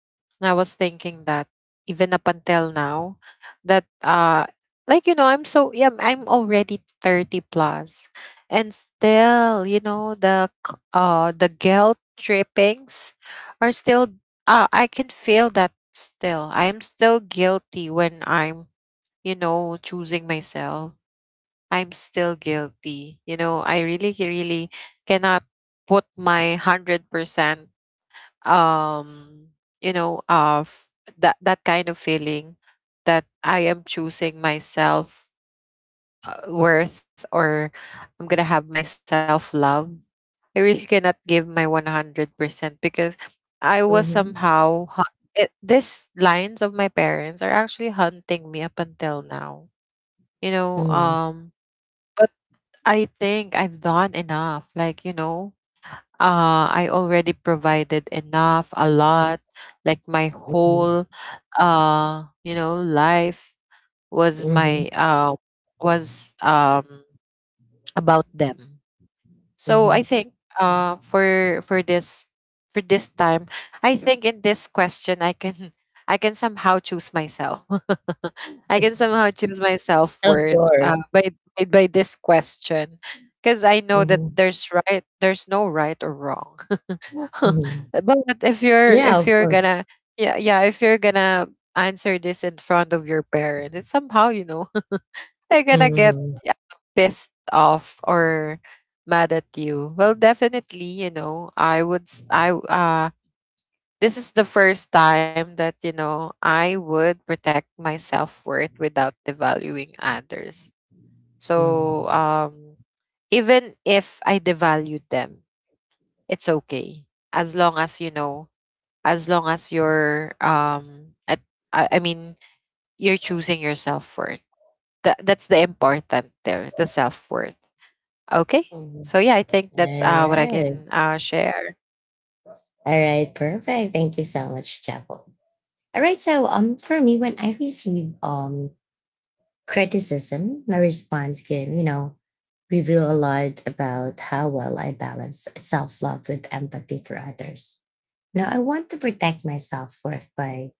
[SPEAKER 2] And I was thinking that even up until now, that, like, you know, I'm so, yeah, I'm already thirty plus, and still, you know, the guilt trippings are still. I can feel that still. I am still guilty when I'm, you know, choosing myself, I'm still guilty. You know, I really, really cannot put my 100%, um, you know, of that kind of feeling, that I am choosing myself worth, or I'm gonna have my self love. I really cannot give my 100%, because I was
[SPEAKER 1] mhm,
[SPEAKER 2] somehow, it, these lines of my parents are actually hunting me up until now. You know,
[SPEAKER 1] mm,
[SPEAKER 2] but I think I've done enough. Like, you know, I already provided enough, a lot. Like my
[SPEAKER 1] mhm,
[SPEAKER 2] whole, you know, life was
[SPEAKER 1] mhm,
[SPEAKER 2] my was about them. So
[SPEAKER 1] mhm.
[SPEAKER 2] I think for this, for this time, I think in this question I can *laughs* I can somehow choose myself. *laughs* I can somehow choose my self
[SPEAKER 1] Of
[SPEAKER 2] worth,
[SPEAKER 1] course.
[SPEAKER 2] by this question, because I know that
[SPEAKER 1] Mhm,
[SPEAKER 2] there's no right or wrong.
[SPEAKER 1] mhm.
[SPEAKER 2] *laughs* But if you're,
[SPEAKER 1] Yeah,
[SPEAKER 2] if
[SPEAKER 1] of
[SPEAKER 2] you're
[SPEAKER 1] course.
[SPEAKER 2] gonna, yeah, yeah, if you're gonna answer this in front of your parents, it's somehow, you know, they're gonna get,
[SPEAKER 1] Mhm,
[SPEAKER 2] yeah, pissed off or mad at you. Well, definitely, you know, I would s- I w- this is the first time that, you know, I would protect my self-worth without devaluing others. So,
[SPEAKER 1] mhm,
[SPEAKER 2] even if I devalued them, it's okay. As long as you know, as long as I mean, you're choosing your self-worth. That, that's the important there, the self-worth. Okay.
[SPEAKER 1] mhm.
[SPEAKER 2] So yeah, I think that's
[SPEAKER 1] All
[SPEAKER 2] what I
[SPEAKER 1] right.
[SPEAKER 2] can share.
[SPEAKER 1] All right. Perfect. Thank you so much, Chapel. All right. So for me, when I receive criticism, my response can, you know, reveal a lot about how well I balance self love with empathy for others. Now, I want to protect myself first by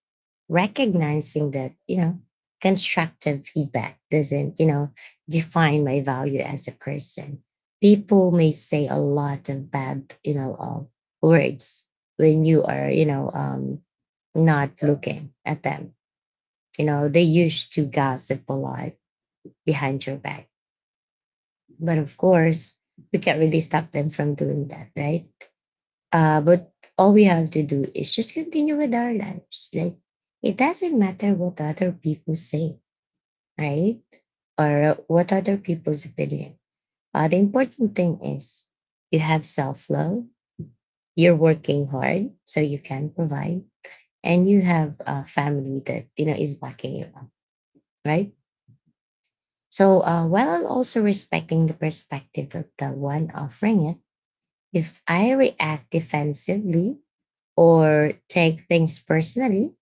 [SPEAKER 1] recognizing that, you know, constructive feedback doesn't, you know, define my value as a person. People may say a lot of bad, you know, words when you are, you know, not looking at them. You know, they used to gossip a lot behind your back. But of course, we can't really stop them from doing that, right? But all we have to do is just continue with our lives. Like, it doesn't matter what other people say, right? Or what other people's opinion. The important thing is you have self love, you're working hard so you can provide, and you have a family that, you know, is backing you up, right? So while also respecting the perspective of the one offering it, if I react defensively or take things personally,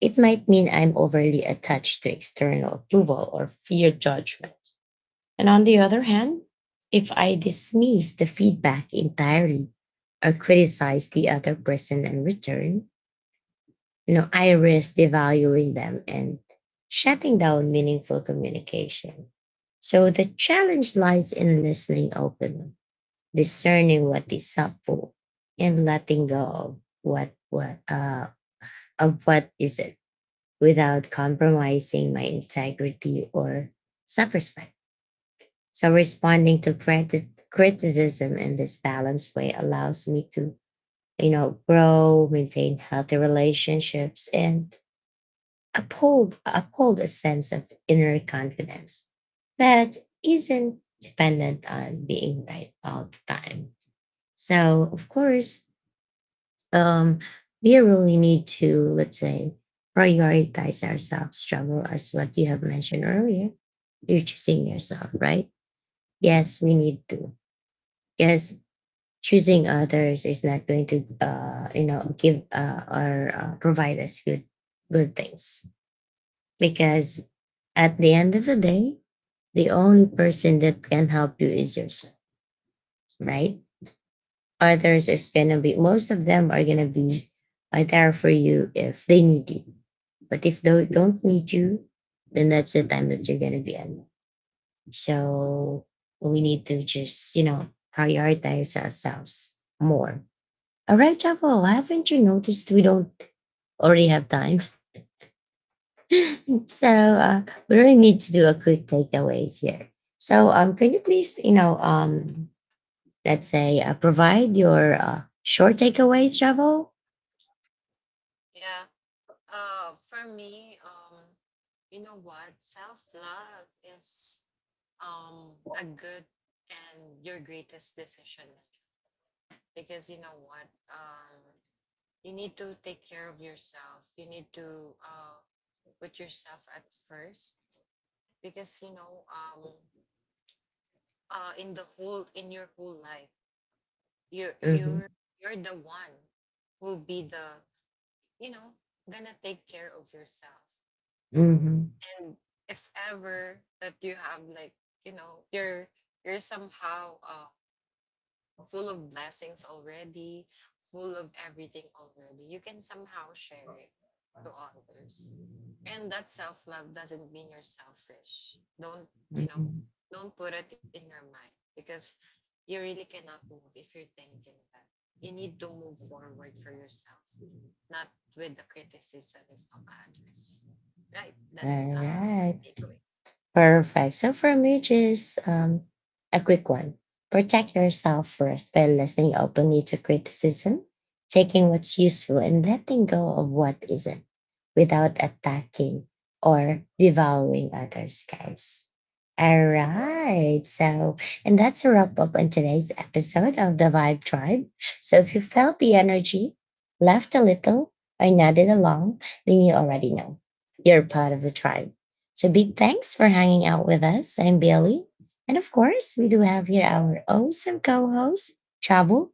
[SPEAKER 1] it might mean I'm overly attached to external approval or fear judgment. And on the other hand, if I dismiss the feedback entirely or criticize the other person in return, you know, I risk devaluing them and shutting down meaningful communication. So the challenge lies in listening openly, discerning what is helpful, and letting go of what of what isn't, without compromising my integrity or self-respect. So responding to criticism in this balanced way allows me to, you know, grow, maintain healthy relationships, and uphold a sense of inner confidence that isn't dependent on being right all the time. So, of course, um, we really need to, let's say, prioritize ourselves, struggle as what you have mentioned earlier. You're choosing yourself, right? Yes, we need to. Yes, choosing others is not going to, you know, give or provide us good, good things because at the end of the day, the only person that can help you is yourself, right? Others is gonna be, most of them are gonna be there for you if they need you. But if they don't need you, then that's the time that you're gonna be alone. So we need to just, you know, prioritize ourselves more. All right, Chavo. Haven't you noticed we don't already have time? *laughs* So we really need to do a quick takeaways here. So can you please, you know, let's say, provide your short takeaways, Javo.
[SPEAKER 2] Yeah. For me, you know what? Self love is a good and your greatest decision, because you know what? You need to take care of yourself. You need to put yourself at first, because you know, in the whole, in your whole life, you,
[SPEAKER 1] Mm-hmm.
[SPEAKER 2] you're the one who'll be the, you know, gonna take care of yourself.
[SPEAKER 1] Mm-hmm.
[SPEAKER 2] And if ever that you have like, you know, you're somehow full of blessings already, full of everything already, you can somehow share it to others. And that self love doesn't mean you're selfish. Don't, you know,
[SPEAKER 1] Mm-hmm.
[SPEAKER 2] don't put it in your mind, because you really cannot move if you're thinking that. You need to move forward for yourself, not with the criticisms of others. Right? That's
[SPEAKER 1] All
[SPEAKER 2] my
[SPEAKER 1] right.
[SPEAKER 2] takeaway.
[SPEAKER 1] Perfect. So for me, just a quick one. Protect your self worth by listening openly to criticism, taking what's useful, and letting go of what isn't, without attacking or devaluing others, guys. All right. So, and that's a wrap up on today's episode of the Vibe Tribe. So if you felt the energy, laughed a little, or nodded along, then you already know you're part of the tribe, so big thanks for hanging out with us. I'm Bailey. And of course, we do have here our awesome co-host, Chavo.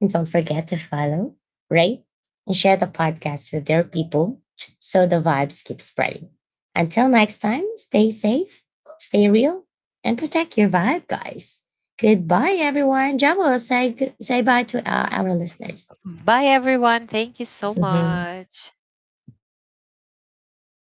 [SPEAKER 1] And don't forget to follow, rate, and share the podcast with their people so the vibes keep spreading. Until next time, stay safe, stay real, and protect your vibe, guys. Goodbye, everyone. Chavo, say bye to our listeners.
[SPEAKER 2] Bye, everyone. Thank you so
[SPEAKER 1] *laughs*
[SPEAKER 2] much.